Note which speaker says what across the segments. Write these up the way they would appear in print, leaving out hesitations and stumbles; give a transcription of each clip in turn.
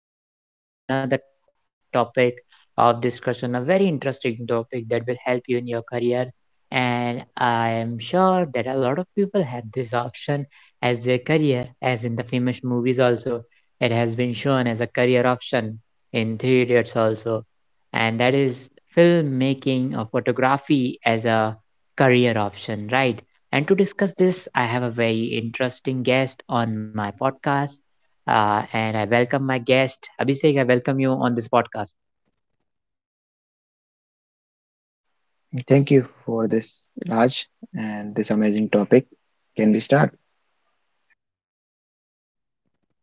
Speaker 1: podcast. And today we have another topic of discussion, a very interesting topic that will help you in your career. And I am sure that a lot of people have this option as their career, as in the famous movies also. It has been shown as a career option in Three Idiots also. And that is filmmaking or photography as a career option, right? And to discuss this, I have a very interesting guest on my podcast. And I welcome my guest, Abhishek. I welcome you on this podcast.
Speaker 2: Thank you for this, Raj, and this amazing topic. Can we start?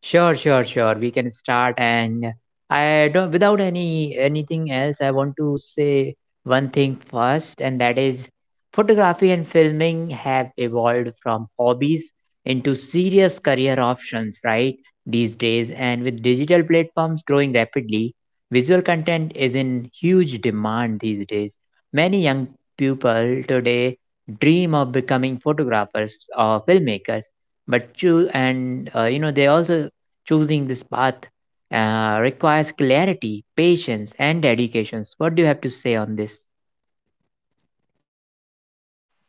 Speaker 1: Sure, sure, sure. We can start, and I don't without anything else. I want to say one thing first, and that is photography and filming have evolved from hobbies into serious career options, right? These days, and with digital platforms growing rapidly, visual content is in huge demand these days. Many young people today dream of becoming photographers or filmmakers but choose and they also choosing this path requires clarity, patience, and dedications. What do you have to say on this?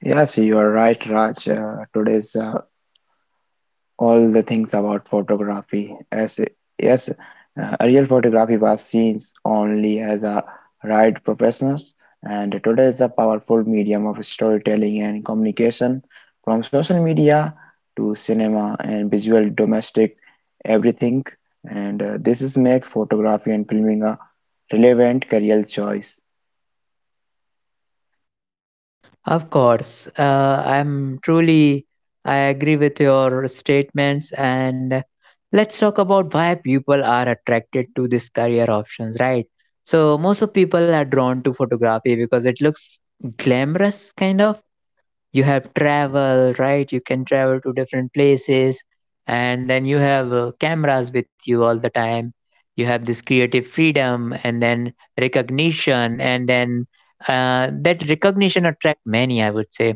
Speaker 2: Yes, you are right, Raj. Today's all the things about photography. As Yes, earlier photography was seen only as a right professionals, and today is a powerful medium of storytelling and communication. From social media to cinema and visual domestic, everything, and this is make photography and filming a relevant career choice.
Speaker 1: Of course. I'm truly, I agree with your statements. And let's talk about why people are attracted to this career options, right? So, most of people are drawn to photography because it looks glamorous, kind of. You have travel, right? You can travel to different places, and then you have cameras with you all the time, you have this creative freedom, and then recognition, and then that recognition attract many, I would say.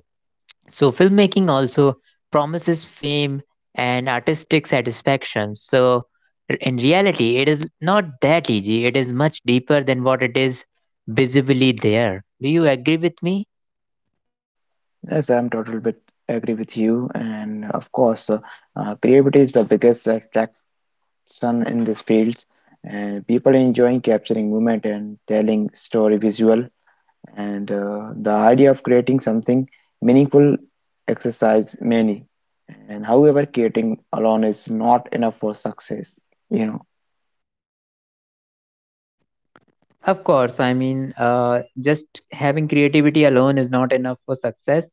Speaker 1: So filmmaking also promises fame and artistic satisfaction. So in reality it is not that easy, it is much deeper than what it is visibly there. Do you agree with me?
Speaker 2: Yes, I'm totally bit agree with you, and of course, creativity is the biggest attraction in this fields. And people enjoying capturing movement and telling story visual, and the idea of creating something meaningful exercise many. And however, creating alone is not enough for success. You know.
Speaker 1: Of course, I mean, just having creativity alone is not enough for success.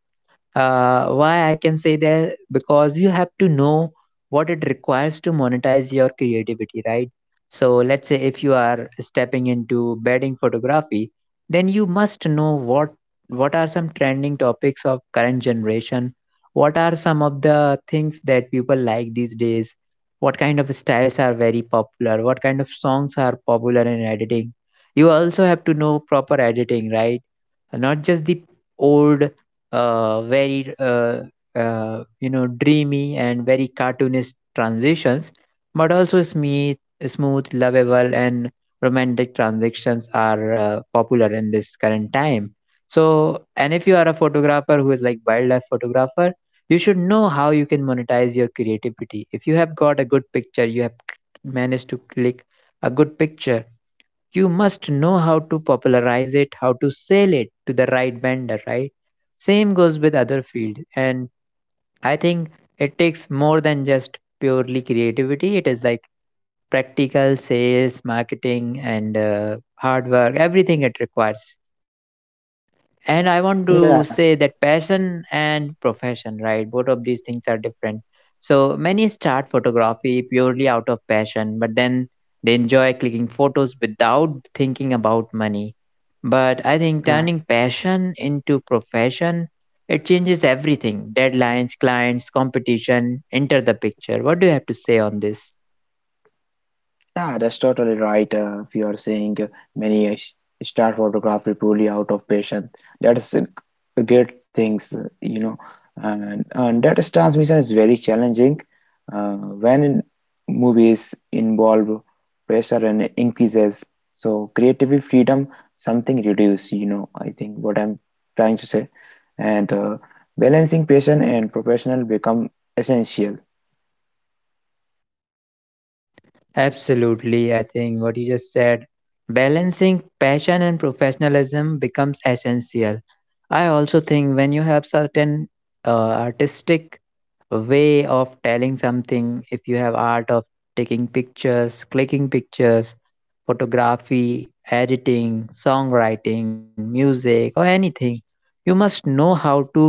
Speaker 1: Why I can say that? Because you have to know what it requires to monetize your creativity, right? So let's say if you are stepping into bedding photography, then you must know what are some trending topics of current generation, what are some of the things that people like these days, what kind of styles are very popular, what kind of songs are popular in editing. You also have to know proper editing, right? Not just the old very you know dreamy and very cartoonish transitions, but also smooth, lovable, and romantic transitions are popular in this current time. So, and if you are a photographer who is like wildlife photographer, you should know how you can monetize your creativity. If you have got a good picture, you have managed to click a good picture, you must know how to popularize it, how to sell it to the right vendor, right? Same goes with other fields. And I think it takes more than just purely creativity. It is like practical sales, marketing, and hard work, everything it requires. And I want
Speaker 2: Yeah,
Speaker 1: to say that passion and profession, right, both of these things are different. So many start photography purely out of passion, but then they enjoy clicking photos without thinking about money. But I think
Speaker 2: yeah.
Speaker 1: turning passion into profession, it changes everything. Deadlines, clients, competition enter the picture. What do you have to say on this?
Speaker 2: Yeah, that's totally right. If you are saying many star photography truly out of passion, that's a great things, you know. And that is transmission is very challenging uh, when in movies involve pressure and increases. So creative freedom something reduce, you know. I think what I'm trying to say, and balancing passion and professional become essential.
Speaker 1: Absolutely, I think what you just said, balancing passion and professionalism becomes essential. I also think when you have certain uh, artistic way of telling something, if you have art of taking pictures, clicking pictures, photography, editing, songwriting, music, or anything, you must know how to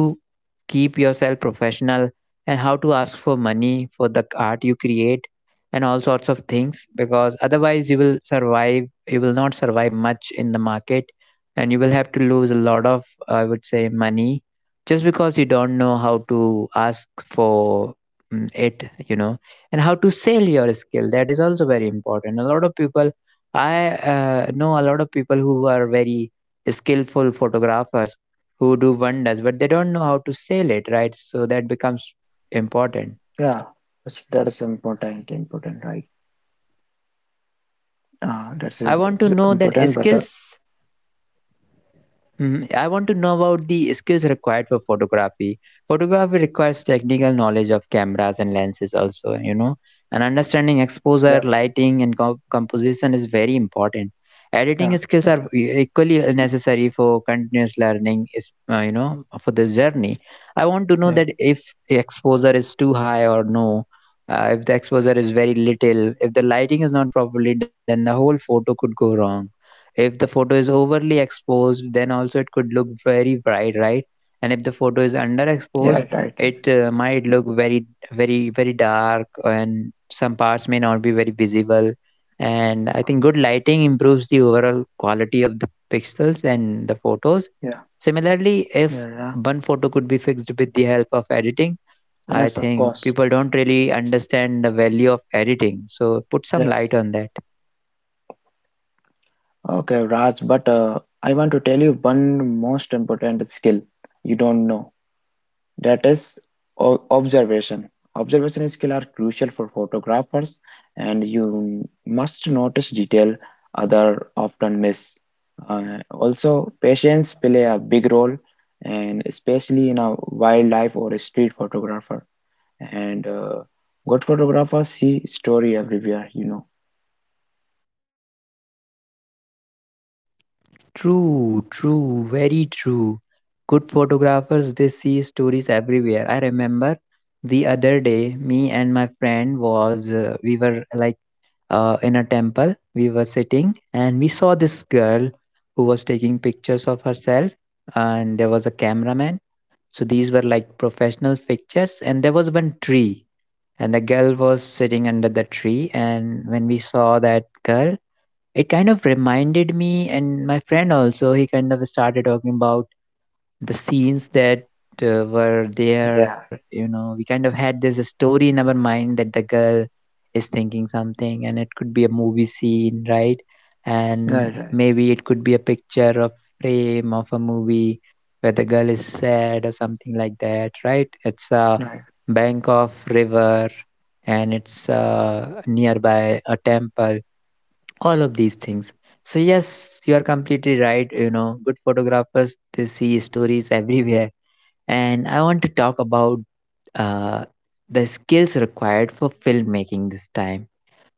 Speaker 1: keep yourself professional and how to ask for money for the art you create, and all sorts of things, because otherwise you will survive, you will not survive much in the market, and you will have to lose a lot of, I would say, money, just because you don't know how to ask for it you know and how to sell your skill, that is also very important. A lot of people, I know a lot of people who are very skillful photographers who do wonders, but they don't know how to sell it, right? So that becomes important.
Speaker 2: Yeah, that is important, important, right? That
Speaker 1: I
Speaker 2: is
Speaker 1: want to know that
Speaker 2: important, but
Speaker 1: skills. I want to know about the skills required for photography. Photography requires technical knowledge of cameras and lenses, also, you know, and understanding exposure,
Speaker 2: yeah,
Speaker 1: lighting, and composition is very important. Editing
Speaker 2: yeah,
Speaker 1: skills
Speaker 2: yeah,
Speaker 1: are equally necessary for continuous learning, is, for this journey. I want to know
Speaker 2: yeah,
Speaker 1: that if exposure is too high or no, if the exposure is very little, if the lighting is not properly done, then the whole photo could go wrong. If the photo is overly exposed, then also it could look very bright, right? And if the photo is
Speaker 2: yeah,
Speaker 1: underexposed,
Speaker 2: right, right, right.
Speaker 1: it might look very, very dark, and some parts may not be very visible. And I think good lighting improves the overall quality of the pixels and the photos.
Speaker 2: Yeah,
Speaker 1: Similarly, if
Speaker 2: yeah, yeah.
Speaker 1: one photo could be fixed with the help of editing, I
Speaker 2: Yes, of
Speaker 1: think
Speaker 2: course,
Speaker 1: people don't really understand the value of editing, so put some light
Speaker 2: yes.
Speaker 1: on that.
Speaker 2: Okay, Raj, but I want to tell you one most important skill you don't know. That is observation. Observation skills are crucial for photographers, and you must notice detail other often miss. Also, patience play a big role, and especially in a wildlife or a street photographer. And good photographers see story everywhere, you know.
Speaker 1: True, true, very true. Good photographers, they see stories everywhere. I remember the other day, me and my friend was, we were like in a temple, we were sitting, and we saw this girl who was taking pictures of herself, and there was a cameraman. So these were like professional pictures, and there was one tree, and the girl was sitting under the tree. And when we saw that girl, it kind of reminded me, and my friend also, he kind of started talking about the scenes that were there.
Speaker 2: Yeah,
Speaker 1: You know, we kind of had this story in our mind that the girl is thinking something, and it could be a movie scene, right? And
Speaker 2: right, right,
Speaker 1: maybe it could be a picture of frame of a movie where the girl is sad or something like that, right? It's a
Speaker 2: right,
Speaker 1: bank of river, and it's nearby a temple, all of these things. So yes, you are completely right, you know, good photographers, they see stories everywhere. And I want to talk about uh, the skills required for filmmaking this time.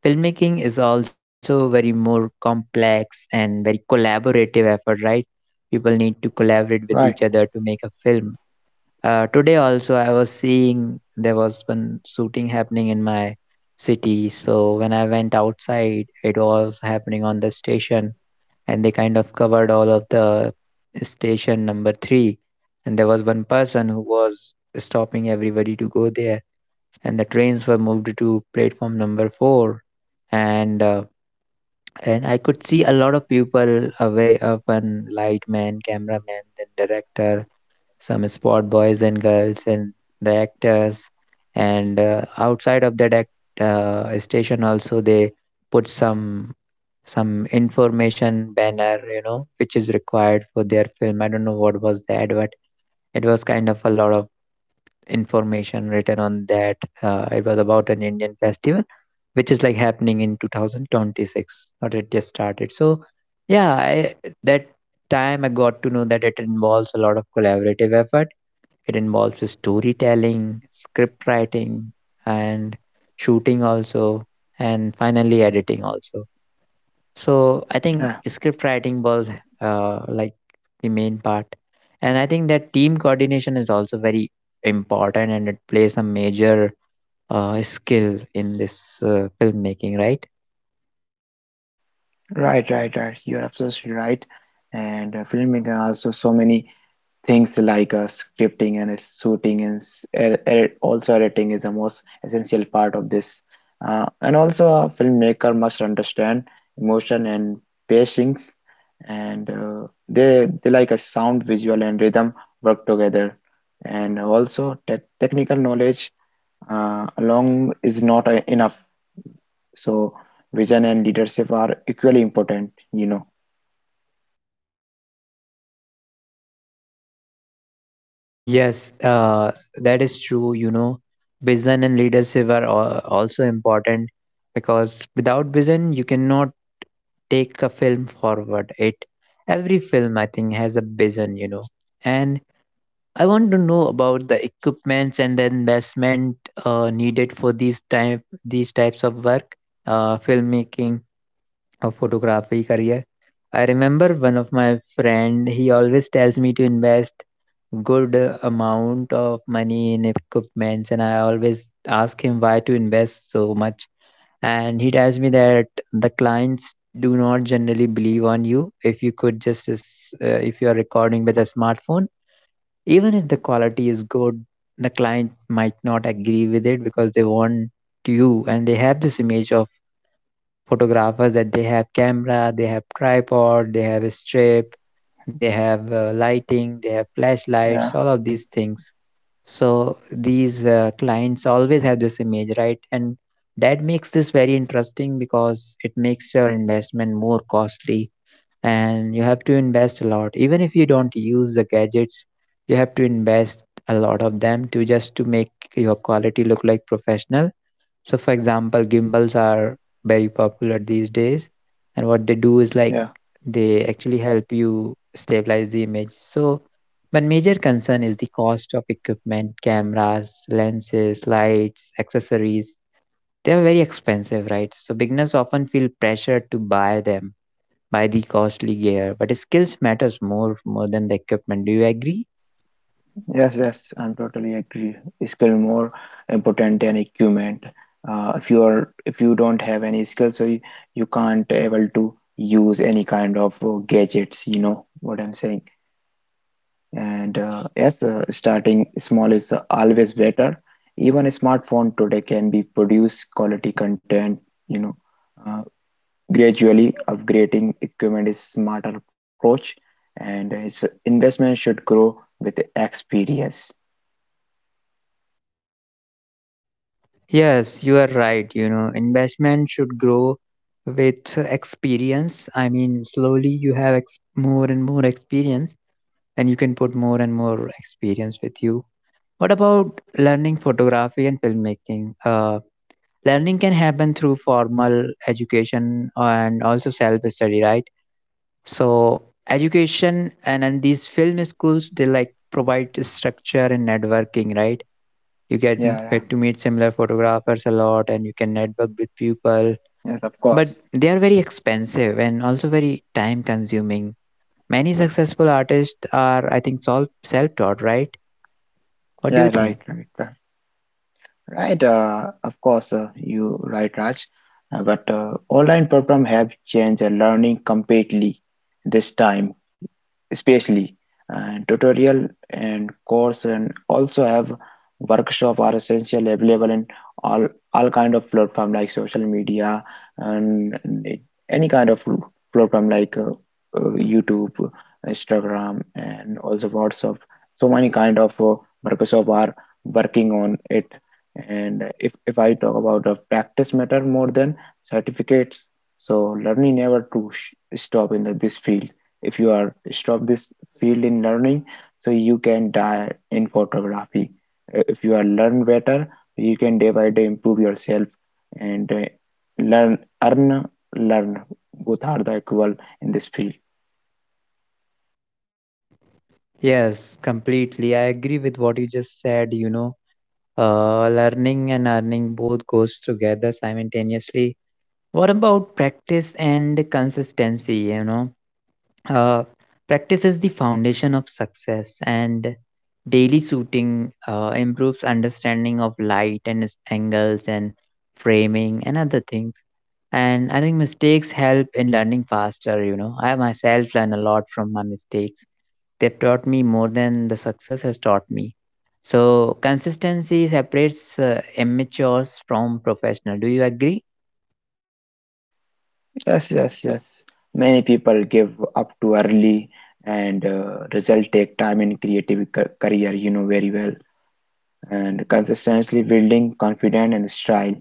Speaker 1: Filmmaking is also very more complex and very collaborative effort, right? People need to collaborate with each
Speaker 2: right,
Speaker 1: other to make a film. Today also I was seeing there was one shooting happening in my city. So when I went outside, it was happening on the station, and they kind of covered all of the station number three. And there was one person who was stopping everybody to go there, and the trains were moved to platform number four. And uh, and I could see a lot of people, a very open light man, cameraman, then director, some sport boys and girls, and the actors, and outside of that act, station also they put some information banner, you know, which is required for their film. I don't know what was that, but it was kind of a lot of information written on that. It was about an indian festival which is like happening in 2026, or it just started. So yeah, I, that time I got to know that it involves a lot of collaborative effort. It involves storytelling, script writing, and shooting also, and finally editing also. So I think
Speaker 2: yeah,
Speaker 1: script writing was like the main part, and I think that team coordination is also very important, and it plays a major skill in this filmmaking, right?
Speaker 2: right, right, right. You're absolutely right. And filmmaking also so many things like scripting and shooting and edit, also editing is the most essential part of this. And also, a filmmaker must understand emotion and pacings, and they like a sound, visual, and rhythm work together. And also, technical knowledge alone is not enough. So, vision and leadership are equally important. You know.
Speaker 1: Yes, that is true. You know, vision and leadership are also important, because without vision, you cannot take a film forward. It every film, I think, has a vision, you know. And I want to know about the equipments and the investment needed for these types of work, filmmaking or photography career. I remember one of my friend. He always tells me to invest good amount of money in equipments, and I always ask him why to invest so much. And he tells me that the clients do not generally believe on you if you could just if you are recording with a smartphone, even if the quality is good, the client might not agree with it, because they want you, and they have this image of photographers, that they have camera, they have tripod, they have a strip, they have lighting, they have flashlights, all
Speaker 2: Yeah.
Speaker 1: of these things. So these clients always have this image, right? And that makes this very interesting, because it makes your investment more costly, and you have to invest a lot. Even if you don't use the gadgets, you have to invest a lot of them to just to make your quality look like professional so, for example, gimbals are very popular these days, and what they do is like
Speaker 2: Yeah.
Speaker 1: they actually help you stabilize the image. So, my major concern is the cost of equipment, cameras, lenses, lights, accessories. They are very expensive, right? So, beginners often feel pressured to buy them, buy the costly gear, but skills matters more than the equipment. Do you agree?
Speaker 2: Yes, yes, I totally agree. Skill more important than equipment. If you are if you don't have any skill, so you can't able to use any kind of gadgets. You know what I'm saying. And yes, starting small is always better. Even a smartphone today can be produce quality content. You know, uh, gradually upgrading equipment is smarter approach, and its investment should grow with experience.
Speaker 1: Yes, you are right. You know, investment should grow with experience. I mean, slowly you have more and more experience, and you can put more and more experience with you. What about learning photography and filmmaking? Learning can happen through formal education and also self study, right? So, education and these film schools, they like provide structure and networking, right? You get
Speaker 2: Yeah. Yeah.
Speaker 1: get to meet similar photographers a lot, and you can network with people,
Speaker 2: Yes, of
Speaker 1: but
Speaker 2: course.
Speaker 1: they are very expensive and also very time consuming. Many successful artists are, I think, self taught, right? What do you
Speaker 2: Yeah,
Speaker 1: think?
Speaker 2: right, right, right. Right, of course, you right, Raj. But online program have changed the learning completely this time. Especially and tutorial and course and also have workshop are essential available in all all kind of platform like social media and any kind of platform like YouTube, Instagram and also WhatsApp. So many kind of workshop are working on it. And if I talk about the practice matter more than certificates, so learning never to stop in this field. If you are stop this field in learning so you can die in photography. If you are learn better you can day by day improve yourself and learn earn learn both are the equal in this field.
Speaker 1: Yes, completely, I agree with what you just said, you know. Learning and earning both goes together simultaneously. What about practice and consistency? Uh, Practice is the foundation of success, and daily shooting improves understanding of light and its angles and framing and other things. And I think mistakes help in learning faster. You know, I myself learn a lot from my mistakes. They've taught me more than the success has taught me. So consistency separates amateurs from professional. Do you agree?
Speaker 2: Yes, yes, yes, many people give up too early and result take time in creative career you know very well and consistently building confidence and style.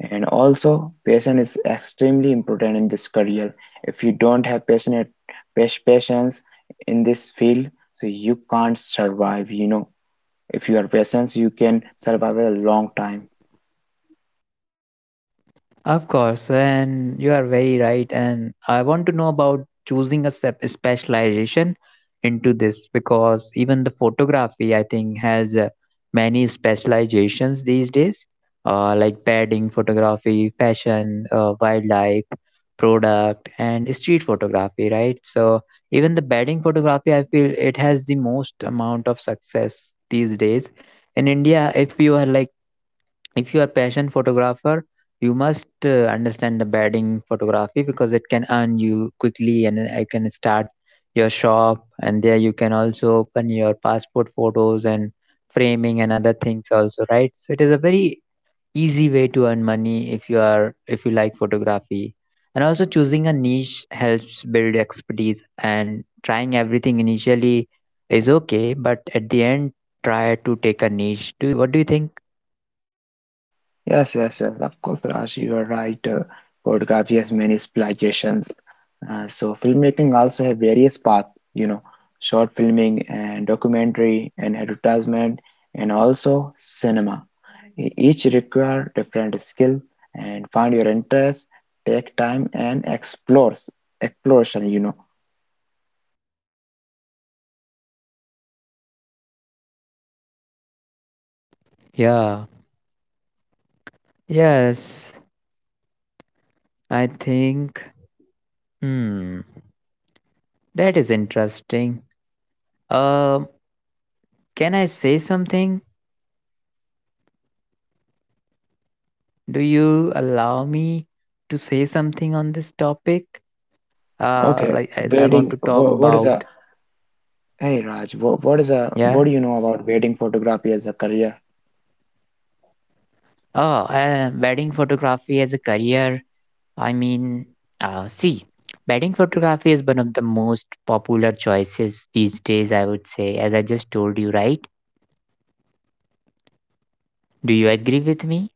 Speaker 2: And also, patience is extremely important in this career. If you don't have passionate patience in this field, so you can't survive. You know, if you are patient, you can survive a long time.
Speaker 1: Of course, and you are very right. And I want to know about choosing a specialization into this because even the photography, I think, has many specializations these days, like bedding photography, fashion, wildlife, product, and street photography, right? So even the bedding photography, I feel it has the most amount of success these days. In India, if you are like if you are passion photographer, you must understand the bedding photography because it can earn you quickly, and you can start your shop, and there you can also open your passport photos and framing and other things also, right? So it is a very easy way to earn money if you are if you like photography. And also choosing a niche helps build expertise, and trying everything initially is okay, but at the end try to take a niche. Do what do you think?
Speaker 2: Yes, yes, yes. Of course, Raj, you are right. Photography has many applications. So filmmaking also have various paths, you know, short filming and documentary and advertisement and also cinema. Each require different skill and find your interest, take time and explores exploration, you know.
Speaker 1: Yeah. Yes, I think. Hmm, that is interesting. Um, can I say something? Do you allow me to say something on this topic?
Speaker 2: Okay,
Speaker 1: Like I want to
Speaker 2: wedding.
Speaker 1: talk
Speaker 2: What is
Speaker 1: about,
Speaker 2: a hey Raj? What is a
Speaker 1: yeah.
Speaker 2: what do you know about wedding photography as a career?
Speaker 1: Oh, wedding photography as a career. I mean, see, wedding photography is one of the most popular choices these days, I would say, as I just told you, right? Do you agree with me?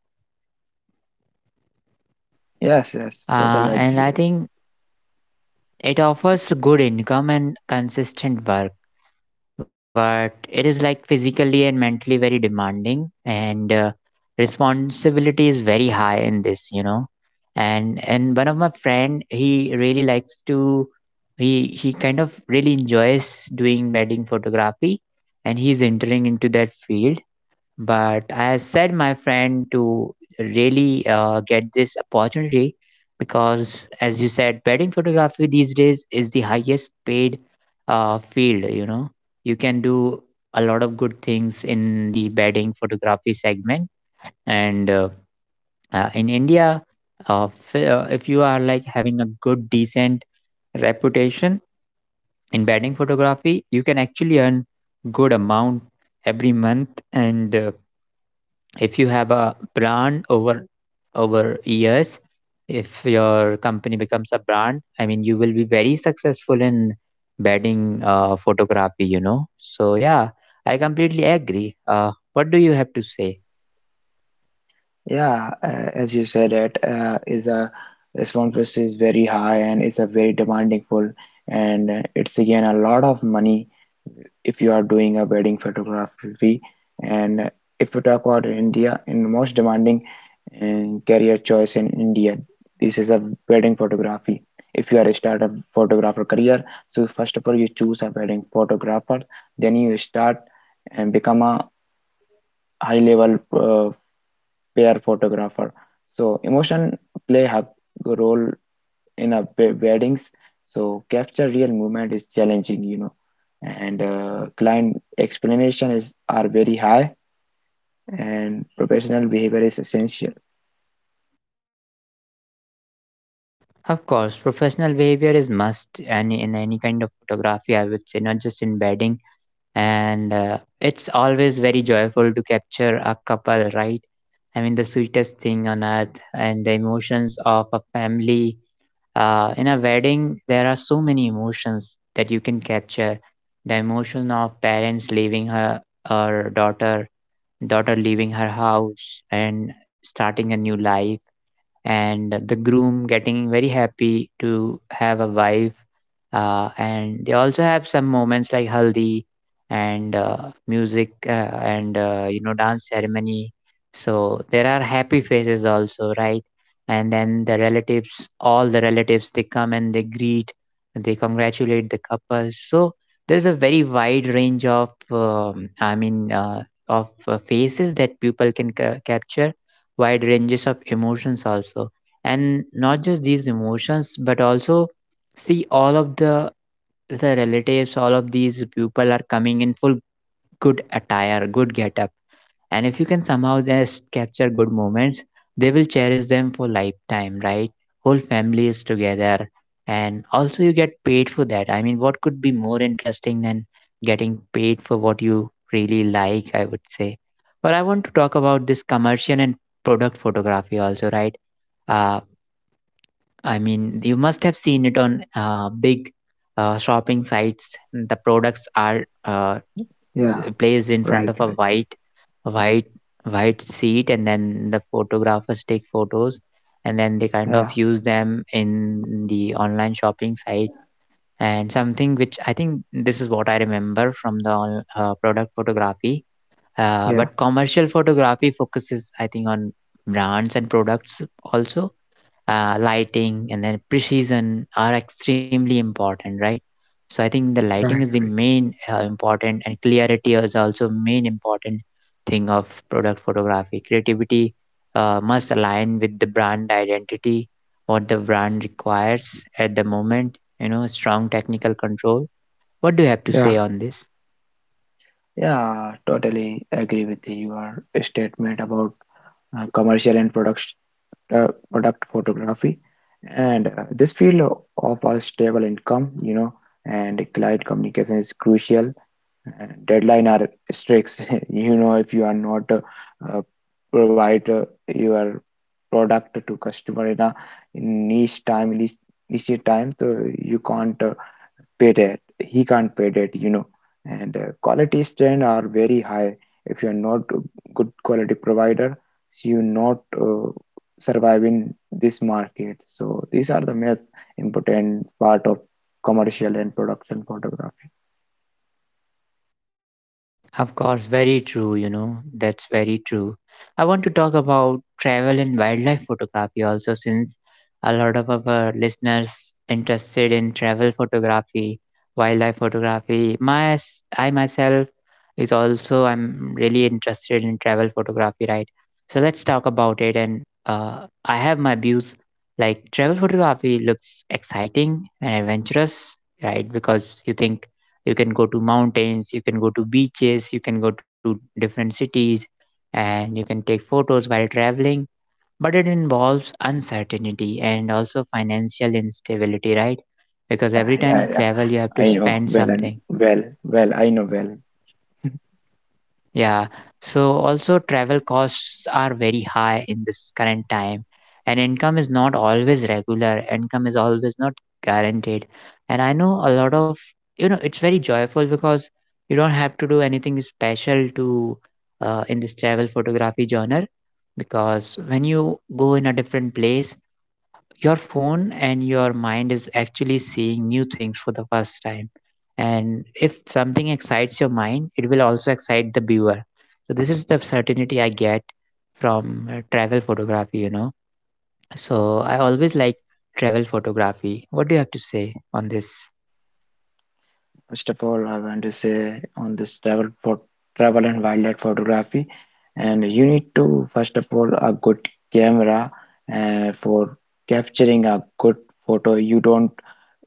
Speaker 2: Yes, yes, totally
Speaker 1: And I
Speaker 2: agree.
Speaker 1: think it offers good income and consistent work, but it is like physically and mentally very demanding, and responsibility is very high in this, you know. And one of my friend, he really likes to, he kind of really enjoys doing wedding photography, and he's entering into that field, but I said my friend to really get this opportunity because, as you said, wedding photography these days is the highest paid field. You know, you can do a lot of good things in the wedding photography segment. And in India, uh, if you are like having a good, decent reputation in wedding photography, you can actually earn good amount every month. And if you have a brand over years, if your company becomes a brand, I mean, you will be very successful in bedding photography, you know. So yeah, I completely agree. What do you have to say?
Speaker 2: Yeah, as you said, it is a responsibility is very high and it's a very demanding role, and it's again a lot of money if you are doing a wedding photography. And if you talk about India, in most demanding career choice in India, this is a wedding photography. If you are a startup photographer career, so first of all you choose a wedding photographer, then you start and become a high level pair photographer. So emotion play a role in weddings. So capture real movement is challenging, you know, and client explanation is are very high, and professional behavior is essential.
Speaker 1: Of course, professional behavior is must, and in any kind of photography, I would say, not just in bedding. And it's always very joyful to capture a couple, right? I mean, the sweetest thing on earth, and the emotions of a family in a wedding. There are so many emotions that you can capture: the emotion of parents leaving her, or daughter leaving her house and starting a new life, and the groom getting very happy to have a wife. And they also have some moments like haldi and music, and you know, dance ceremony. So there are happy faces also, right? And then the relatives, all the relatives, they come and they greet, they congratulate the couple. So there's a very wide range of faces that people can capture, wide ranges of emotions also. And not just these emotions but also, see, all of the relatives, all of these people are coming in full, good attire, good getup. And if you can somehow just capture good moments, they will cherish them for lifetime, right? Whole family is together, and also you get paid for that. I mean, what could be more interesting than getting paid for what you really like? I would say. But I want to talk about this commercial and product photography also, right? Uh, I mean, you must have seen it on big shopping sites. The products are
Speaker 2: Yeah,
Speaker 1: placed in front of
Speaker 2: right,
Speaker 1: a
Speaker 2: right.
Speaker 1: white white seat, and then the photographers take photos, and then they kind of
Speaker 2: Yeah,
Speaker 1: use them in the online shopping site. And something which I think this is what I remember from the product photography.
Speaker 2: yeah,
Speaker 1: But commercial photography focuses, I think, on brands and products also. Lighting and then precision are extremely important, right? So I think the
Speaker 2: right.
Speaker 1: lighting is the main important, and clarity is also main important thing of product photography. Creativity must align with the brand identity, what the brand requires at the moment, you know. Strong technical control. What do you have to
Speaker 2: Yeah,
Speaker 1: say on this?
Speaker 2: yeah. Totally agree with your statement about commercial and production. Product photography, and this field of our stable income you know and client communication is crucial deadline are strict. You know if you are not uh, provide your product to customer in niche time niche time so you can't pay that he can't pay that you know and quality standards are very high if you are not a good quality provider so you not uh, survive in this market so these are the most important part of commercial and production photography.
Speaker 1: Of course, very true, you know, that's very true. I want to talk about travel and wildlife photography also, since a lot of our listeners interested in travel photography, wildlife photography. My, I myself is also, I'm really interested in travel photography, right? So let's talk about it. And I have my views. Like, travel photography looks exciting and adventurous, right? Because you think you can go to mountains, you can go to beaches, you can go to different cities, and you can take photos while traveling, but it involves uncertainty and also financial instability, right? Because
Speaker 2: Yeah,
Speaker 1: every time
Speaker 2: yeah,
Speaker 1: you
Speaker 2: yeah.
Speaker 1: travel, you have to
Speaker 2: I know
Speaker 1: spend
Speaker 2: well and
Speaker 1: something.
Speaker 2: well, I know well.
Speaker 1: Yeah. So also travel costs are very high in this current time, and income is not always regular. Income is always not guaranteed. And I know a lot of, you know, it's very joyful because you don't have to do anything special to in this travel photography genre, because when you go in a different place, your phone and your mind is actually seeing new things for the first time, and if something excites your mind, it will also excite the viewer. So this is the certainty I get from travel photography, you know. So I always like travel photography. What do you have to say on this?
Speaker 2: First of all, I want to say on this travel and wildlife photography, and you need to first of all a good camera for capturing a good photo.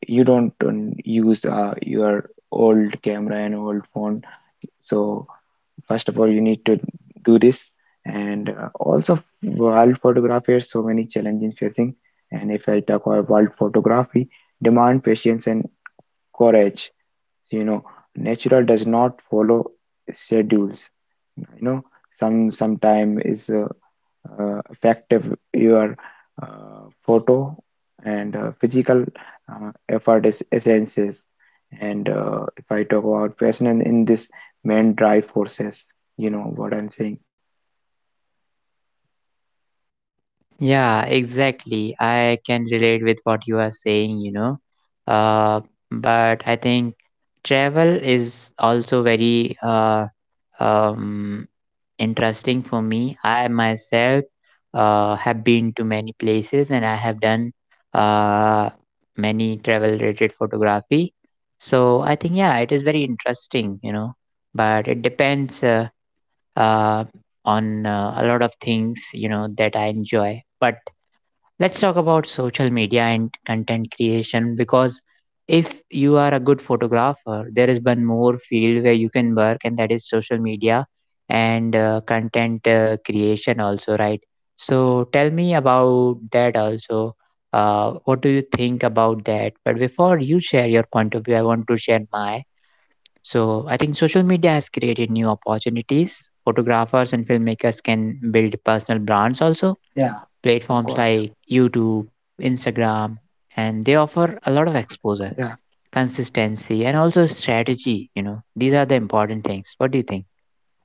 Speaker 2: You don't use your old camera and old phone. So first of all you need to do this and also world photography has so many challenges facing and if I talk about world photography demand patience and courage. So, you know natural does not follow schedules, you know, sometime is effective your photo and physical effort is essences, and if I talk about passion in this main drive forces, you know what I'm saying.
Speaker 1: Yeah, exactly, I can relate with what you are saying, you know. uh, but I think travel is also very um, interesting for me. I myself have been to many places, and I have done uh, many travel related photography. So I think, yeah, it is very interesting, you know, but it depends uh, on a lot of things, you know, that I enjoy. But let's talk about social media and content creation, because if you are a good photographer, there is one more field where you can work, and that is social media and content creation, also, right? So, tell me about that also. What do you think about that? But before you share your point of view, I want to share my. So, I think social media has created new opportunities. Photographers and filmmakers can build personal brands also,
Speaker 2: Yeah, of
Speaker 1: platforms
Speaker 2: course.
Speaker 1: like YouTube, Instagram, and they offer a lot of exposure,
Speaker 2: Yeah.
Speaker 1: consistency, and also strategy. You know, these are the important things. What do you think?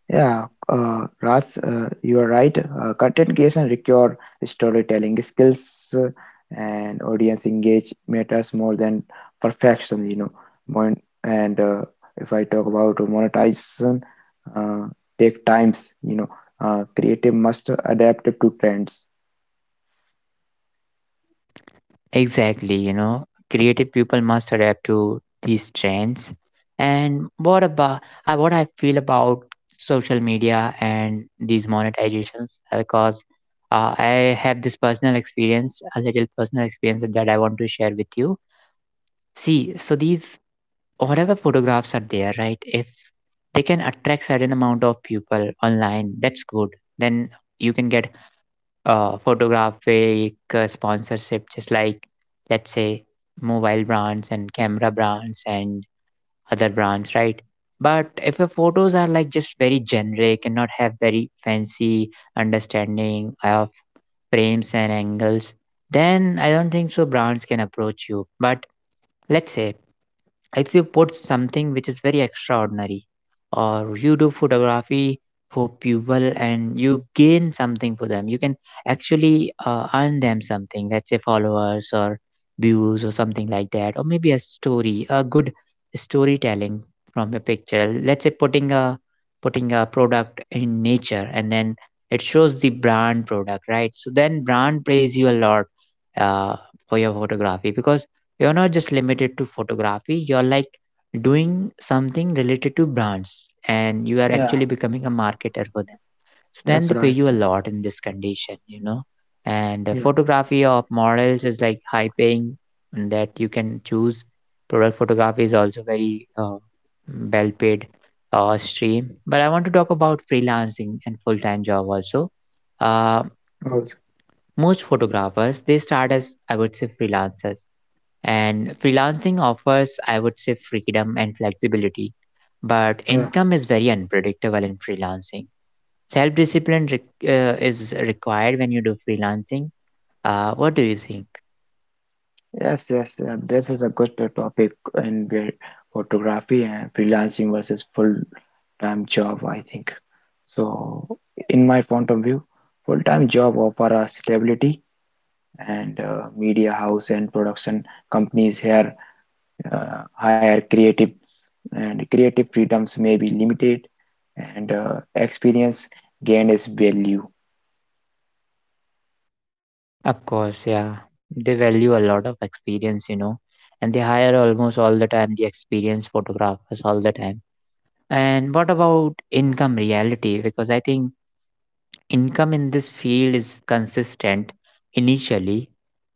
Speaker 2: Yeah, Ras, you are right. Content creation require storytelling skills and audience engage matters more than perfection, you know. And if I talk about monetization, uh, take times, you know. Creative must adapt to trends.
Speaker 1: Exactly, you know, creative people must adapt to these trends. And what about what I feel about social media and these monetizations? Because I have this personal experience, a little personal experience, that I want to share with you. See, so these whatever photographs are there, right? If they can attract certain amount of people online, that's good. Then you can get photographic sponsorship, just like, let's say, mobile brands and camera brands and other brands, right? But if your photos are like just very generic and not have very fancy understanding of frames and angles, then I don't think so brands can approach you. But let's say if you put something which is very extraordinary, or you do photography for people and you gain something for them, you can actually earn them something, let's say followers or views or something like that, or maybe a story, a good storytelling from a picture. Let's say putting a putting a product in nature and then it shows the brand product, right? So then brand pays you a lot uh, for your photography because you're not just limited to photography, you're like doing something related to brands and you are
Speaker 2: Yeah.
Speaker 1: actually becoming a marketer for them. So then
Speaker 2: That's
Speaker 1: they pay
Speaker 2: right.
Speaker 1: you a lot in this condition, you know. And
Speaker 2: Yeah.
Speaker 1: photography of models is like high paying, and that you can choose. Product photography is also very well paid stream. But I want to talk about freelancing and full time job also. Uh,
Speaker 2: Also,
Speaker 1: Most photographers, they start as, I would say, freelancers, and freelancing offers, I would say, freedom and flexibility, but
Speaker 2: yeah.
Speaker 1: income is very unpredictable in freelancing. Self discipline is required when you do freelancing. What do you think?
Speaker 2: Yes, yes, this is a good topic in where photography and freelancing versus full-time job, I think. So, in my point of view, full-time job offer a stability and media house and production companies here hire creatives, and creative freedoms may be limited, and experience gained is value.
Speaker 1: Of course, yeah. They value a lot of experience, you know, and they hire almost all the time the experienced photographers all the time. And what about income reality? Because I think income in this field is consistent initially,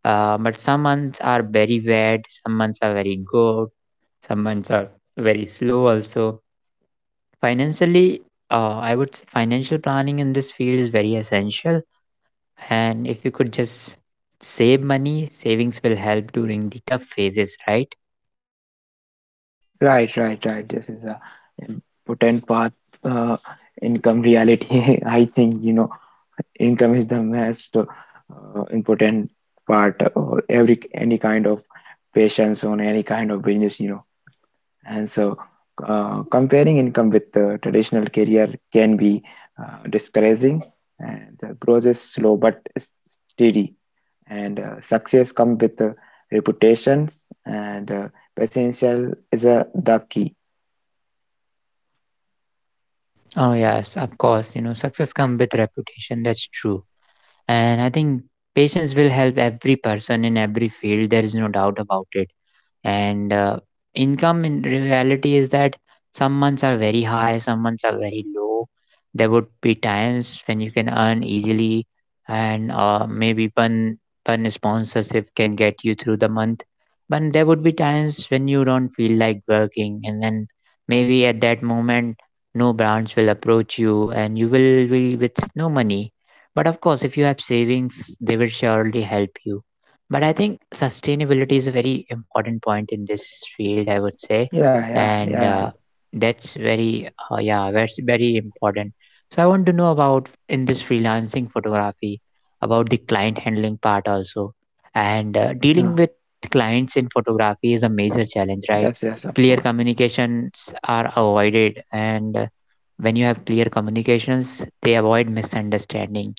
Speaker 1: but some months are very bad, some months are very good, some months are very slow also. Financially, I would say financial planning in this field is very essential. And if you could just save money, savings will help during the tough phases, right?
Speaker 2: Right, right, right. This is a important path uh, income reality. I think you know income is the most important part or every any kind of patience on any kind of business, you know. And so comparing income with the traditional career can be discouraging, and the growth is slow but steady. And success comes with reputations, and patience is the key.
Speaker 1: Oh, yes, of course. You know, success comes with reputation. That's true. And I think patience will help every person in every field. There is no doubt about it, and income in reality is that some months are very high, some months are very low. There would be times when you can earn easily, and maybe one sponsorship can get you through the month, but there would be times when you don't feel like working, and then maybe at that moment no brands will approach you and you will be with no money. But of course, if you have savings, they will surely help you. But I think sustainability is a very important point in this field, I would say,
Speaker 2: Yeah, yeah,
Speaker 1: and
Speaker 2: yeah, right.
Speaker 1: that's very yeah, that's very important. So I want to know about, in this freelancing photography, about the client handling part also, and dealing
Speaker 2: Yeah,
Speaker 1: with clients in photography is a major challenge, right?
Speaker 2: yes, yes, of
Speaker 1: Clear
Speaker 2: course.
Speaker 1: communications are avoided, and when you have clear communications, they avoid misunderstanding,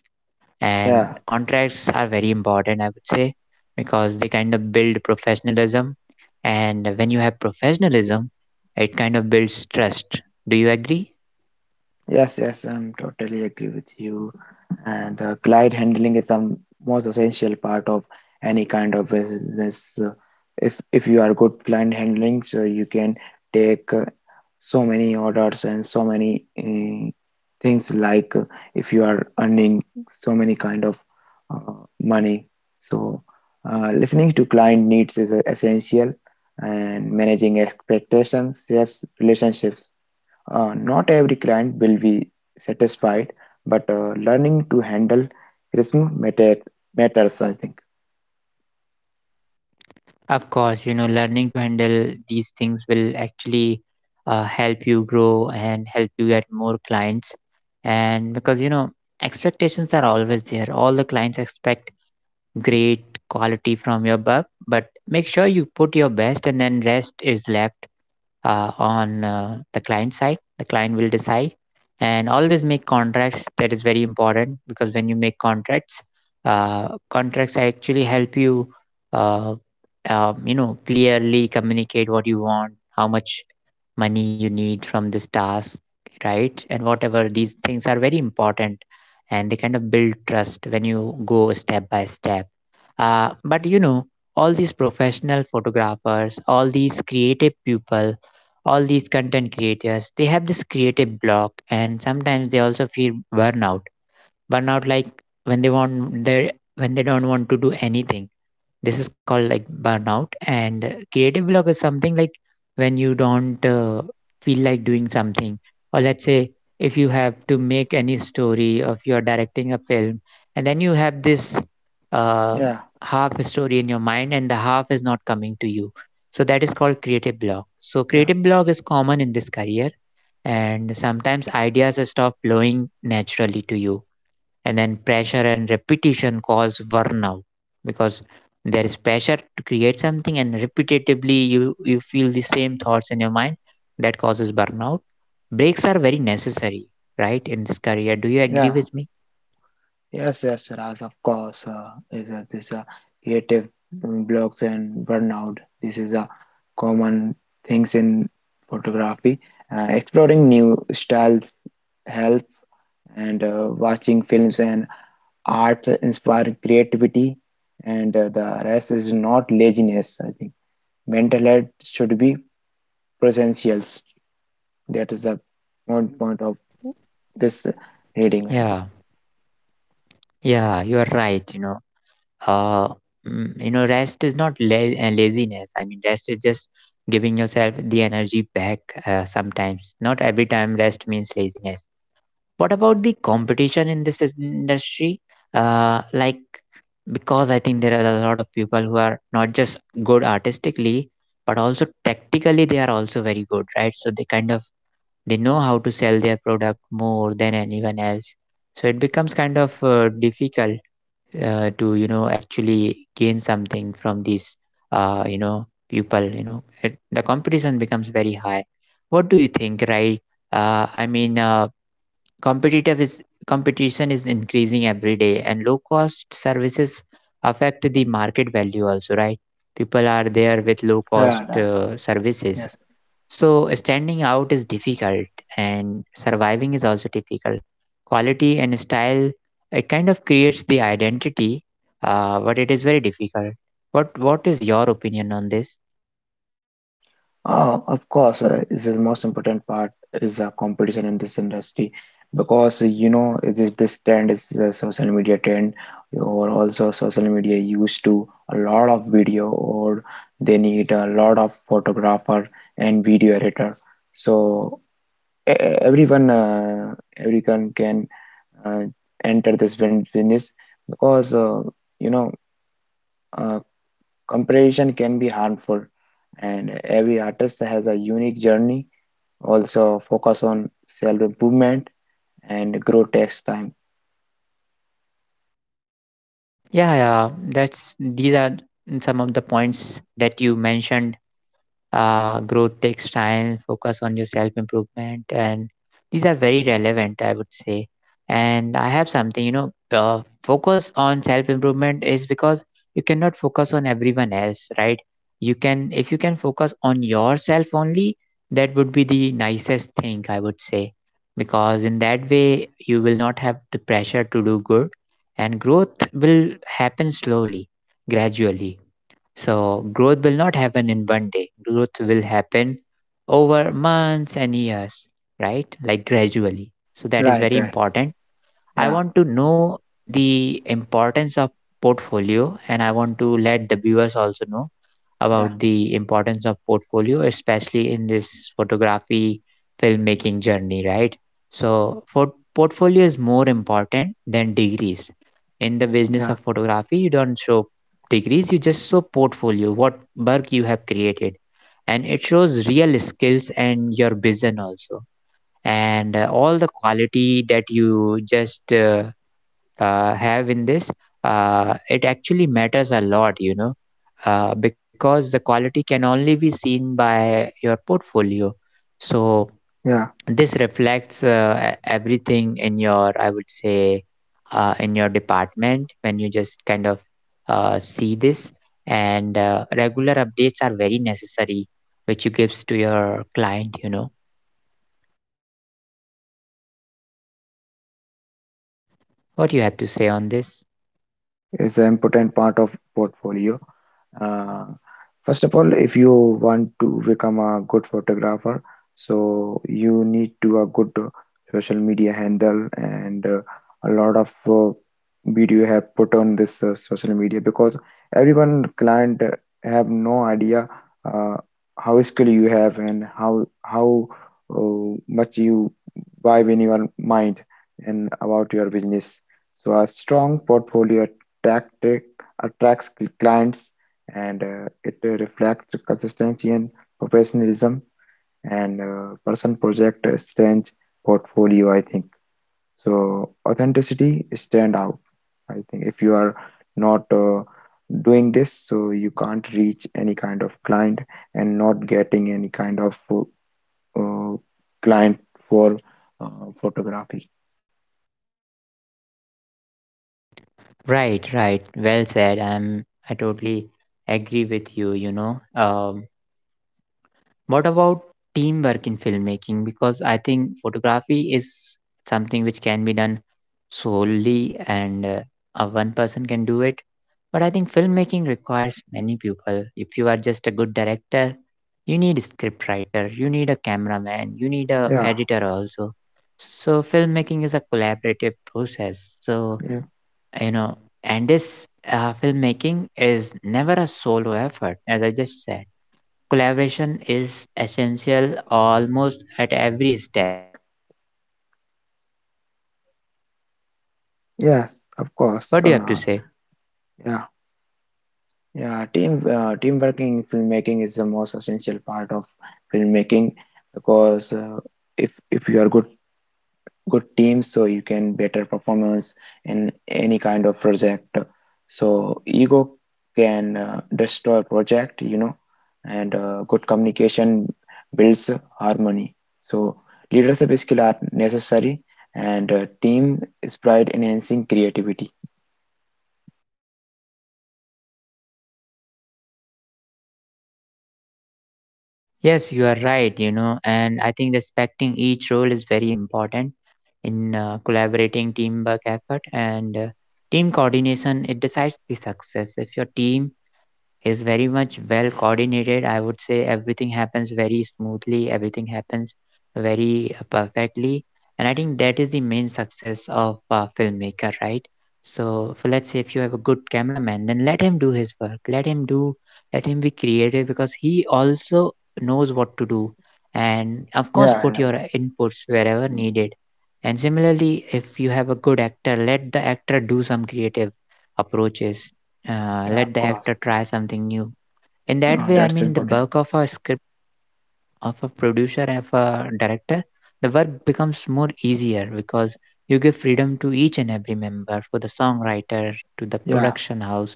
Speaker 1: and
Speaker 2: Yeah,
Speaker 1: contracts are very important, I would say, because they kind of build professionalism, and when you have professionalism, it kind of builds trust. Do you agree?
Speaker 2: yes, yes, I'm totally agree with you. And client handling is the most essential part of any kind of business. If you are good client handling, so you can take so many orders and so many uh, things like if you are earning so many kind of uh, money. So listening to client needs is essential, and managing expectations saves relationships. Not every client will be satisfied, but learning to handle criticism matters, I think.
Speaker 1: Of course, you know, learning to handle these things will actually help you grow and help you get more clients, and because, you know, expectations are always there. All the clients expect great quality from your work, but make sure you put your best and then rest is left on the client side. The client will decide. And always make contracts. That is very important, because when you make contracts, contracts actually help you uh, you know, clearly communicate what you want, how much money you need from this task, right? And whatever, these things are very important, and they kind of build trust when you go step by step. But you know, all these professional photographers, all these creative people, all these content creators, they have this creative block, and sometimes they also feel burnout. Burnout, like when they when they don't want to do anything, this is called like burnout. And creative block is something like when you don't feel like doing something. Or let's say if you have to make any story, or if you are directing a film, and then you have this uh,
Speaker 2: Yeah,
Speaker 1: half story in your mind, and the half is not coming to you. So that is called creative block. So
Speaker 2: yeah,
Speaker 1: creative block is common in this career, and sometimes ideas stop flowing naturally to you, and then pressure and repetition cause burnout, because there is pressure to create something, and repetitively you feel the same thoughts in your mind. That causes burnout. Breaks are very necessary, right, in this career. Do you agree
Speaker 2: yeah.
Speaker 1: with me?
Speaker 2: Yes, yes, Raj, of course. This creative blocks and burnout. This is a common things in photography. Exploring new styles help and watching films and art inspire creativity, and the rest is not laziness, I think. Mental health should be presentials. That is the point of this reading habit.
Speaker 1: Yeah, yeah, you are right, you know. uh you know, rest is not laziness. I mean, rest is just giving yourself the energy back. Sometimes, not every time, rest means laziness. What about the competition in this industry? Like, because I think there are a lot of people who are not just good artistically, but also tactically they are also very good, right? So they kind of, they know how to sell their product more than anyone else. So it becomes kind of difficult to, you know, actually gain something from these you know, people. You know it, the competition becomes very high. What do you think, right? I mean, Competitive is competition is increasing every day, and low cost services affect the market value also, right? People are there with low cost
Speaker 2: Right, right.
Speaker 1: services,
Speaker 2: Yes.
Speaker 1: so standing out is difficult, and surviving is also difficult. Quality and style, it kind of creates the identity, but it is very difficult. What is your opinion on this?
Speaker 2: Of course, this is the most important part is competition in this industry because you know this trend is the social media trend or also social media used to a lot of video or they need a lot of photographer and video editor. So everyone everyone can uh, enter this business because you know uh, comparison can be harmful, and every artist has a unique journey, also focus on self improvement and grow takes time.
Speaker 1: Yeah, yeah, that's, these are some of the points that you mentioned. Growth takes time, focus on your self improvement, and these are very relevant, I would say. And I have something, you know, focus on self improvement is because you cannot focus on everyone else, right? You can, if you can focus on yourself only, that would be the nicest thing, I would say, because in that way, you will not have the pressure to do good, and growth will happen slowly, gradually. So growth will not happen in one day. Growth will happen over months and years, right? Like gradually. So that is
Speaker 2: Right,
Speaker 1: very
Speaker 2: right,
Speaker 1: important. I
Speaker 2: yeah,
Speaker 1: want to know the importance of portfolio, and I want to let the viewers also know
Speaker 2: yeah,
Speaker 1: about the importance of portfolio, especially in this photography filmmaking journey, right? So, for portfolio is more important than degrees. In the business
Speaker 2: yeah,
Speaker 1: of photography, you don't show degrees, you just show portfolio, what work you have created. And it shows real skills and your vision also. And all the quality that you just have in this, it actually matters a lot, you know, because the quality can only be seen by your portfolio. So
Speaker 2: yeah
Speaker 1: this reflects everything in your, I would say, in your department when you just kind of see this. And regular updates are very necessary, which you gives to your client, you know. What do you have to say on this?
Speaker 2: is an important part of portfolio. Uh, First of all, if you want to become a good photographer, so you need to a good social media handle and a lot of video have put on this social media because everyone client have no idea uh, how skill you have and how much you vibe in your mind and about your business. So a strong portfolio tactic attracts clients and it reflects consistency and professionalism and person project strength portfolio, I think, so authenticity stand out. I think if you are not doing this, so you can't reach any kind of client and not getting any kind of uh, client for photography.
Speaker 1: Right, right. Well said. I totally agree with you, you know. What about teamwork in filmmaking? Because I think photography is something which can be done solely, and one person can do it. But I think filmmaking requires many people. If you are just a good director, you need a script writer, you need a cameraman, you need a
Speaker 2: Yeah,
Speaker 1: editor also. So filmmaking is a collaborative process. So,
Speaker 2: yeah,
Speaker 1: you know, and this filmmaking is never a solo effort, as I just said. Collaboration is essential almost at every step.
Speaker 2: yes, of course.
Speaker 1: What do you have to
Speaker 2: uh,
Speaker 1: say?
Speaker 2: yeah Yeah, team team working in filmmaking is the most essential part of filmmaking because if you are good team, so you can better performance in any kind of project. So ego can destroy project, you know, and good communication builds harmony. So leadership skill are necessary, and team is pride enhancing creativity.
Speaker 1: Yes, you are right, you know, and I think respecting each role is very important in collaborating teamwork effort, and team coordination, it decides the success. If your team is very much well coordinated, I would say everything happens very smoothly, everything happens very perfectly. And I think that is the main success of a filmmaker, right? So, for let's say if you have a good cameraman, then let him do his work. Let him do, let him be creative, because he also knows what to do. And of course,
Speaker 2: Yeah,
Speaker 1: put your
Speaker 2: yeah.
Speaker 1: inputs wherever needed. And similarly, if you have a good actor, let the actor do some creative approaches.
Speaker 2: Yeah,
Speaker 1: Let
Speaker 2: of
Speaker 1: the
Speaker 2: course,
Speaker 1: actor try something new. In that way, I
Speaker 2: that's
Speaker 1: mean, the
Speaker 2: important.
Speaker 1: work of a script, of a producer, and of a director, the work becomes more easier, because you give freedom to each and every member, for the songwriter, to the
Speaker 2: Yeah.
Speaker 1: production house,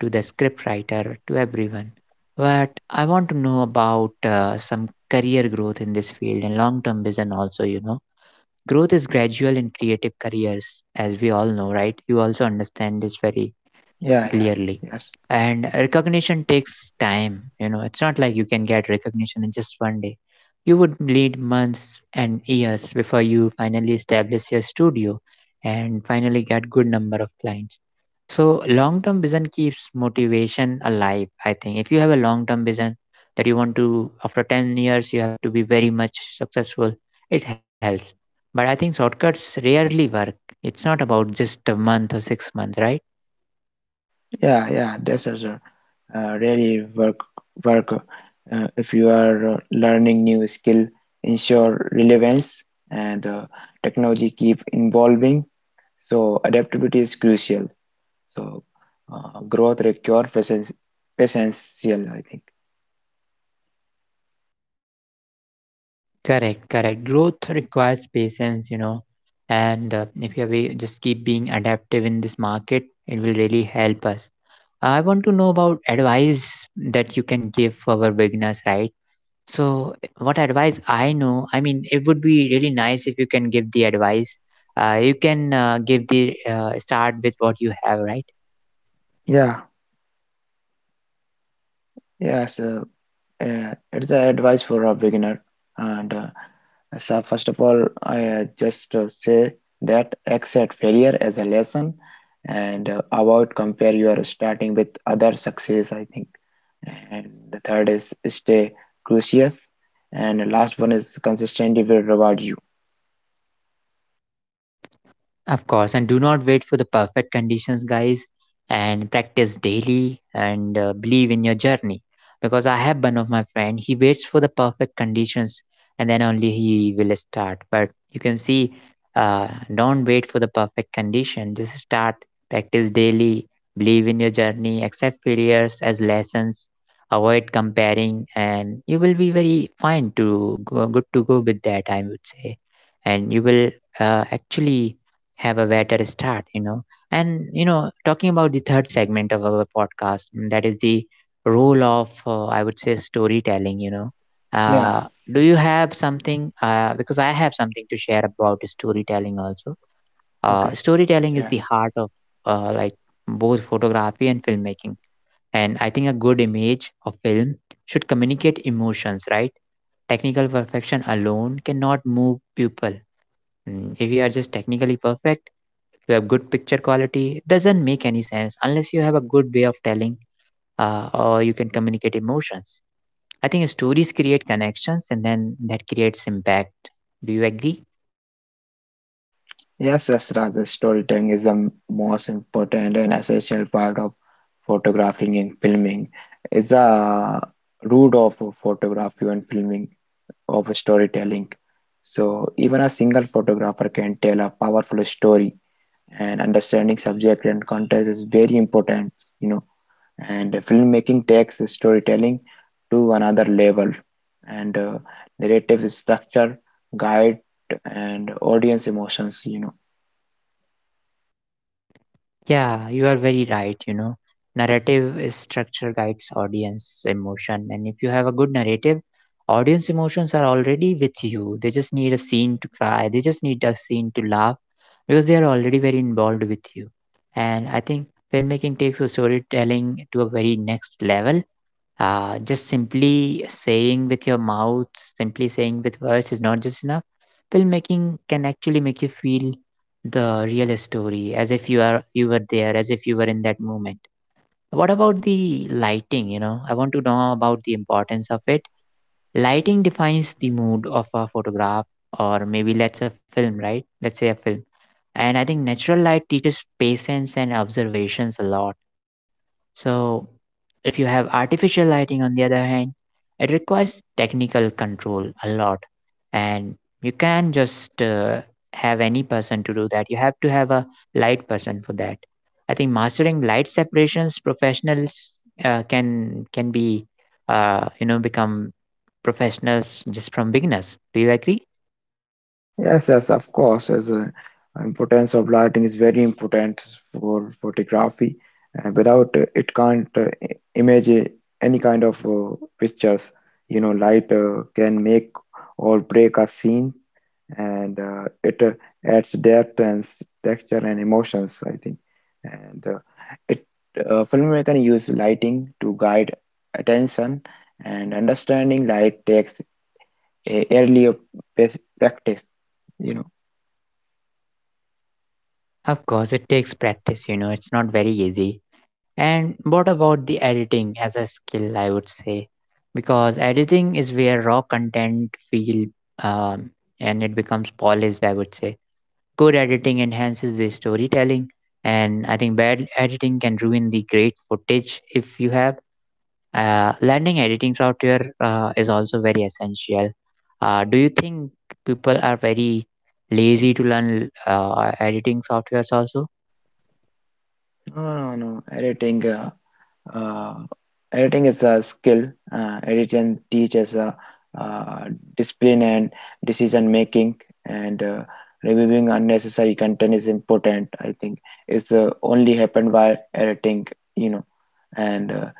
Speaker 1: to the script writer, to everyone. But I want to know about some career growth in this field and long term vision also, you know. Growth is gradual in creative careers, as we all know, right? You also understand this very
Speaker 2: Yeah, yeah,
Speaker 1: clearly.
Speaker 2: yes,
Speaker 1: And recognition takes time, you know. It's not like you can get recognition in just one day. You would need months and years before you finally establish your studio and finally get good number of clients. So long term vision keeps motivation alive, I think. If you have a long term vision that you want to after 10 years you have to be very much successful, it helps. But I think shortcuts rarely work. It's not about just a month or 6 months, right?
Speaker 2: yeah, yeah. That's also really work. If you are learning new skill, ensure relevance and technology keep evolving. So adaptability is crucial. So growth require patience, patiential, I think.
Speaker 1: Correct, correct. Growth requires patience, you know, and if you be, just keep being adaptive in this market, it will really help us. I want to know about advice that you can give for our beginners, right? So, what advice I know, I mean, it would be really nice if you can give the advice. You can give the start with what you have, right?
Speaker 2: Yeah, yes. It's an advice for a beginner, and so first of all, I just say that accept failure as a lesson and avoid compare your starting with other success, I think. And the third is stay curious. And the last one is consistency will reward you.
Speaker 1: Of course, and do not wait for the perfect conditions, guys, and practice daily and believe in your journey. Because I have one of my friend, he waits for the perfect conditions and then only he will start. But you can see, uh, don't wait for the perfect condition. Just start, practice daily, believe in your journey, accept failures as lessons, avoid comparing, and you will be very fine to go, good to go with that. I would say, and you will actually have a better start, you know. And you know, talking about the third segment of our podcast, that is the role of, I would say, storytelling, you know. uh,
Speaker 2: Yeah,
Speaker 1: do you have something? Because I have something to share about storytelling also.
Speaker 2: okay.
Speaker 1: Storytelling is
Speaker 2: Yeah.
Speaker 1: the heart of, like, both photography and filmmaking. And I think a good image of film should communicate emotions, right? Technical perfection alone cannot move people. If you are just technically perfect, you have good picture quality, it doesn't make any sense unless you have a good way of telling, or you can communicate emotions. I think stories create connections, and then that creates impact. Do you agree?
Speaker 2: Yes, yes, Rajesh, storytelling is the most important and essential part of photographing and filming. It's the root of photography and filming of storytelling. So even a single photographer can tell a powerful story and understanding subject and context is very important, you know, and filmmaking takes storytelling to another level and narrative structure, guide and audience emotions, you know.
Speaker 1: Yeah, you are very right. You know, narrative is structure guides audience emotion, and if you have a good narrative, audience emotions are already with you. They just need a scene to cry. They just need a scene to laugh because they are already very involved with you. And I think filmmaking takes a storytelling to a very next level. Just simply saying with your mouth, simply saying with words is not just enough. Filmmaking can actually make you feel the real story as if you were there, as if you were in that moment. What about the lighting? You know, I want to know about the importance of it. Lighting defines the mood of a photograph, or maybe let's a film, right? Let's say a film. And I think natural light teaches patience and observations a lot. So, if you have artificial lighting, on the other hand, it requires technical control a lot, and you can just have any person to do that. You have to have a light person for that. I think mastering light separations professionals can be become professionals just from beginners. Do you agree?
Speaker 2: Yes, yes, of course. As importance of lighting is very important for photography. Without it, can't image any kind of pictures. You know, light can make or break a scene, and it adds depth and texture and emotions, I think, and it filmmaker use lighting to guide attention and understanding light takes a earlier practice, you know.
Speaker 1: Of course, it takes practice, you know, it's not very easy. And what about the editing as a skill, I would say? Because editing is where raw content feel um, and it becomes polished, I would say. Good editing enhances the storytelling, and I think bad editing can ruin the great footage if you have. Learning editing software is also very essential. Do you think people are very lazy to learn editing softwares also?
Speaker 2: No, no, no. Uh, Editing is a skill. Editing teaches uh, discipline and decision making, and removing unnecessary content is important. I think it's only happened by editing, you know. And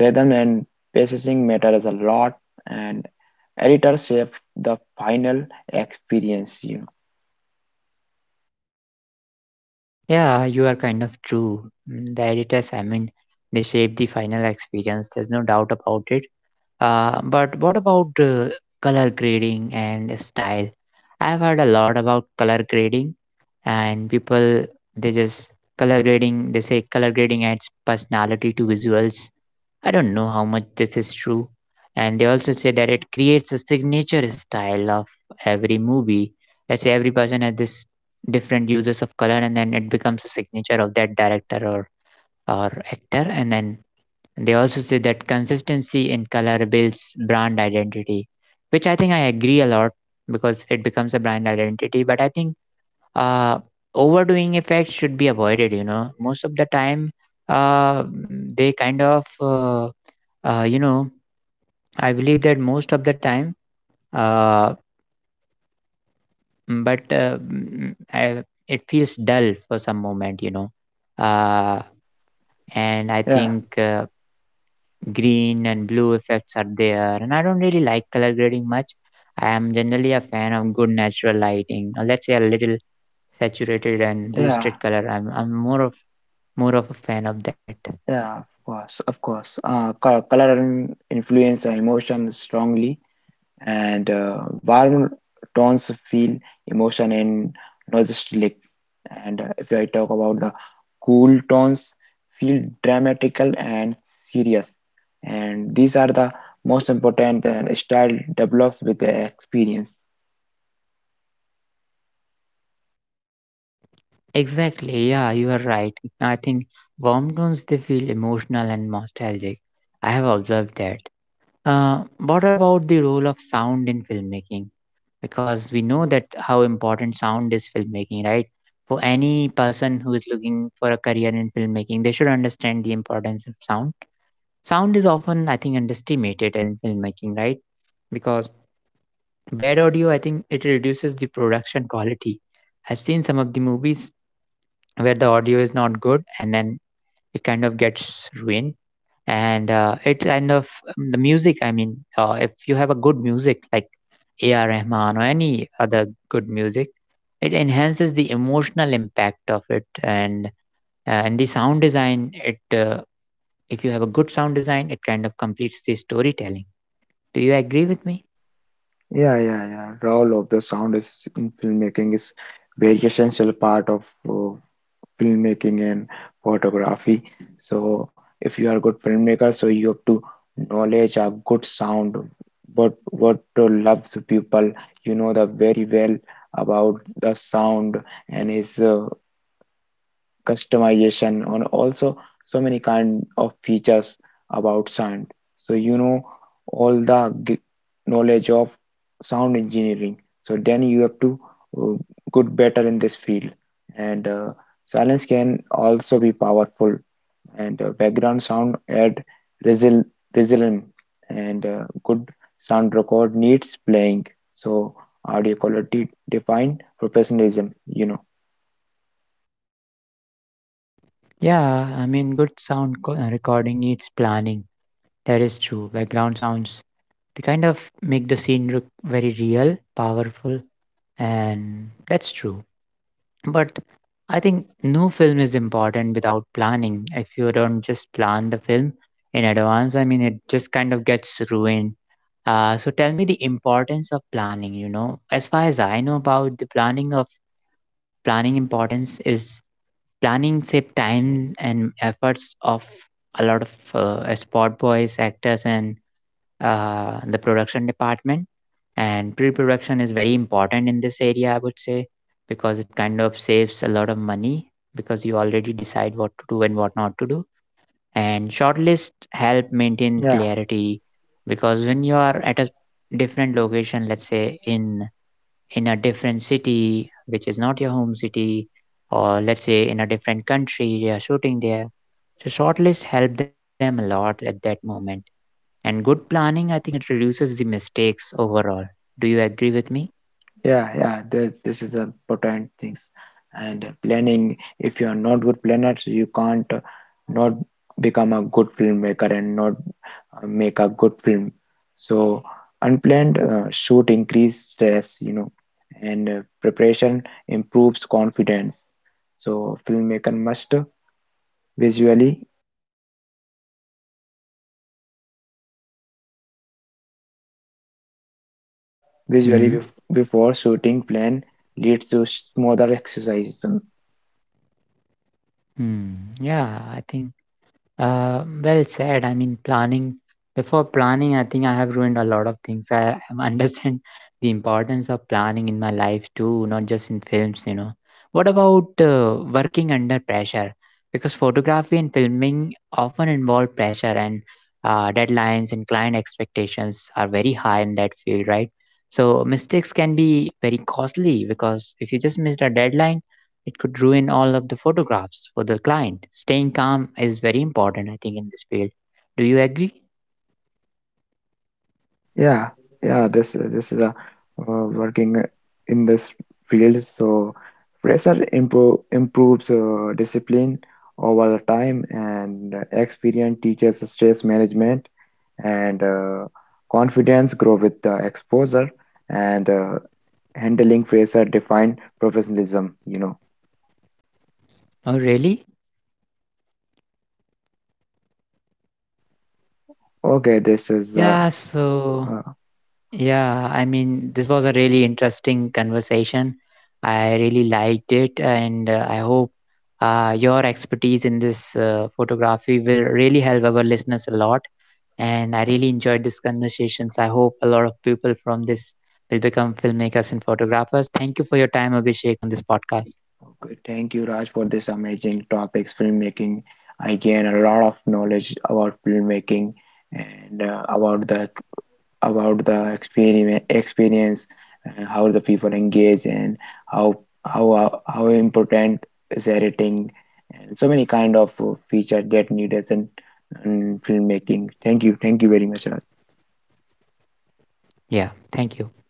Speaker 2: rhythm and pacing matters a lot, and editors shape the final experience, you know.
Speaker 1: Yeah, you are kind of true. The editors, I mean, they shape the final experience. There's no doubt about it. But what about color grading and style? I've heard a lot about color grading, and people they just color grading. They say color grading adds personality to visuals. I don't know how much this is true. And they also say that it creates a signature style of every movie. Let's say every person has this different uses of color, and then it becomes a signature of that director or actor. And then they also say that consistency in color builds brand identity, which I think I agree a lot because it becomes a brand identity. But I think uh, overdoing effects should be avoided. You know, most of the time, mm, they kind of you know, I believe that most of the time, uh, it feels dull for some moment, you know. Uh, and I
Speaker 2: Yeah,
Speaker 1: think Green and blue effects are there, and I don't really like color grading much. I am generally a fan of good natural lighting, or let's say a little saturated and
Speaker 2: yeah.
Speaker 1: boosted color. I'm more of a fan of that.
Speaker 2: Yeah, of course, of course. Color influence emotion strongly, and warm tones feel emotion and nostalgic. And if I talk about the cool tones, feel dramatical and serious. And these are the most important and style develops with the experience.
Speaker 1: Exactly, yeah, you are right. I think warm tones they feel emotional and nostalgic. I have observed that. What about the role of sound in filmmaking? Because we know that how important sound is filmmaking, right? For any person who is looking for a career in filmmaking, they should understand the importance of sound. Sound is often, I think, underestimated in filmmaking, right? Because bad audio, I think, it reduces the production quality. I've seen some of the movies where the audio is not good and then it kind of gets ruined and it kind of the music, I mean, if you have a good music like Ar Rahman or any other good music, it enhances the emotional impact of it. And and the sound design, it, if you have a good sound design, it kind of completes the storytelling. Do you agree with me?
Speaker 2: Yeah, yeah, yeah. Role of the sound is in filmmaking is very essential part of. Filmmaking and photography, so if you are a good filmmaker, so you have to knowledge a good sound, what what to love to people, you know the very well about the sound and is customization or also so many kind of features about sound, so you know all the knowledge of sound engineering, so then you have to uh, good better in this field, and silence can also be powerful, and background sound add resil resilience, and good sound record needs playing, so audio quality define professionalism, you know.
Speaker 1: Yeah, I mean, good recording needs planning, that is true. Background sounds they kind of make the scene look very real, powerful, and that's true. But I think no film is important without planning. If you don't just plan the film in advance, I mean, it just kind of gets ruined. So tell me the importance of planning, you know. As far as I know about the planning importance is planning save time and efforts of a lot of sport boys, actors, and the production department. And pre production is very important in this area, I would say, because it kind of saves a lot of money because you already decide what to do and what not to do. And shortlist help maintain
Speaker 2: Yeah.
Speaker 1: clarity because when you are at a different location, let's say in a different city which is not your home city, or let's say in a different country you are shooting there. So shortlist help them a lot at that moment. And good planning, I think it reduces the mistakes overall. Do you agree with me?
Speaker 2: Yeah, yeah, th this is a potent things. And planning, if you are not good planner, so you can't not become a good filmmaker and not make a good film. So unplanned shoot increase stress, you know, and preparation improves confidence. So filmmaker must visually visually
Speaker 1: Hmm.
Speaker 2: before shooting plan leads to smoother exercise.
Speaker 1: Hmm. Yeah, I think, well said. I mean, planning before planning, I think I have ruined a lot of things. I understand the importance of planning in my life too, not just in films, you know. What about working under pressure? Because photography and filming often involve pressure, and deadlines and client expectations are very high in that field, right? So mistakes can be very costly because if you just missed a deadline it could ruin all of the photographs for the client. Staying calm is very important, I think, in this field. Do you agree?
Speaker 2: Yeah, yeah, this is a working in this field. So improves discipline over the time, and experience teaches stress management, and confidence grow with the exposure, and handling pressure define professionalism, you know.
Speaker 1: Oh, really?
Speaker 2: Okay, this is
Speaker 1: Yeah, so,
Speaker 2: uh,
Speaker 1: yeah, I mean, this was a really interesting conversation. I really liked it, and I hope your expertise in this photography will really help our listeners a lot. And I really enjoyed these conversations. I hope a lot of people from this will become filmmakers and photographers. Thank you for your time, Abhishek, on this podcast.
Speaker 2: Okay, thank you, Raj, for this amazing topics, filmmaking. I gain a lot of knowledge about filmmaking and about the experiment experience, how the people engage and how how important is editing and so many kind of feature that needed in filmmaking. Thank you very much, Raj.
Speaker 1: Yeah, thank you.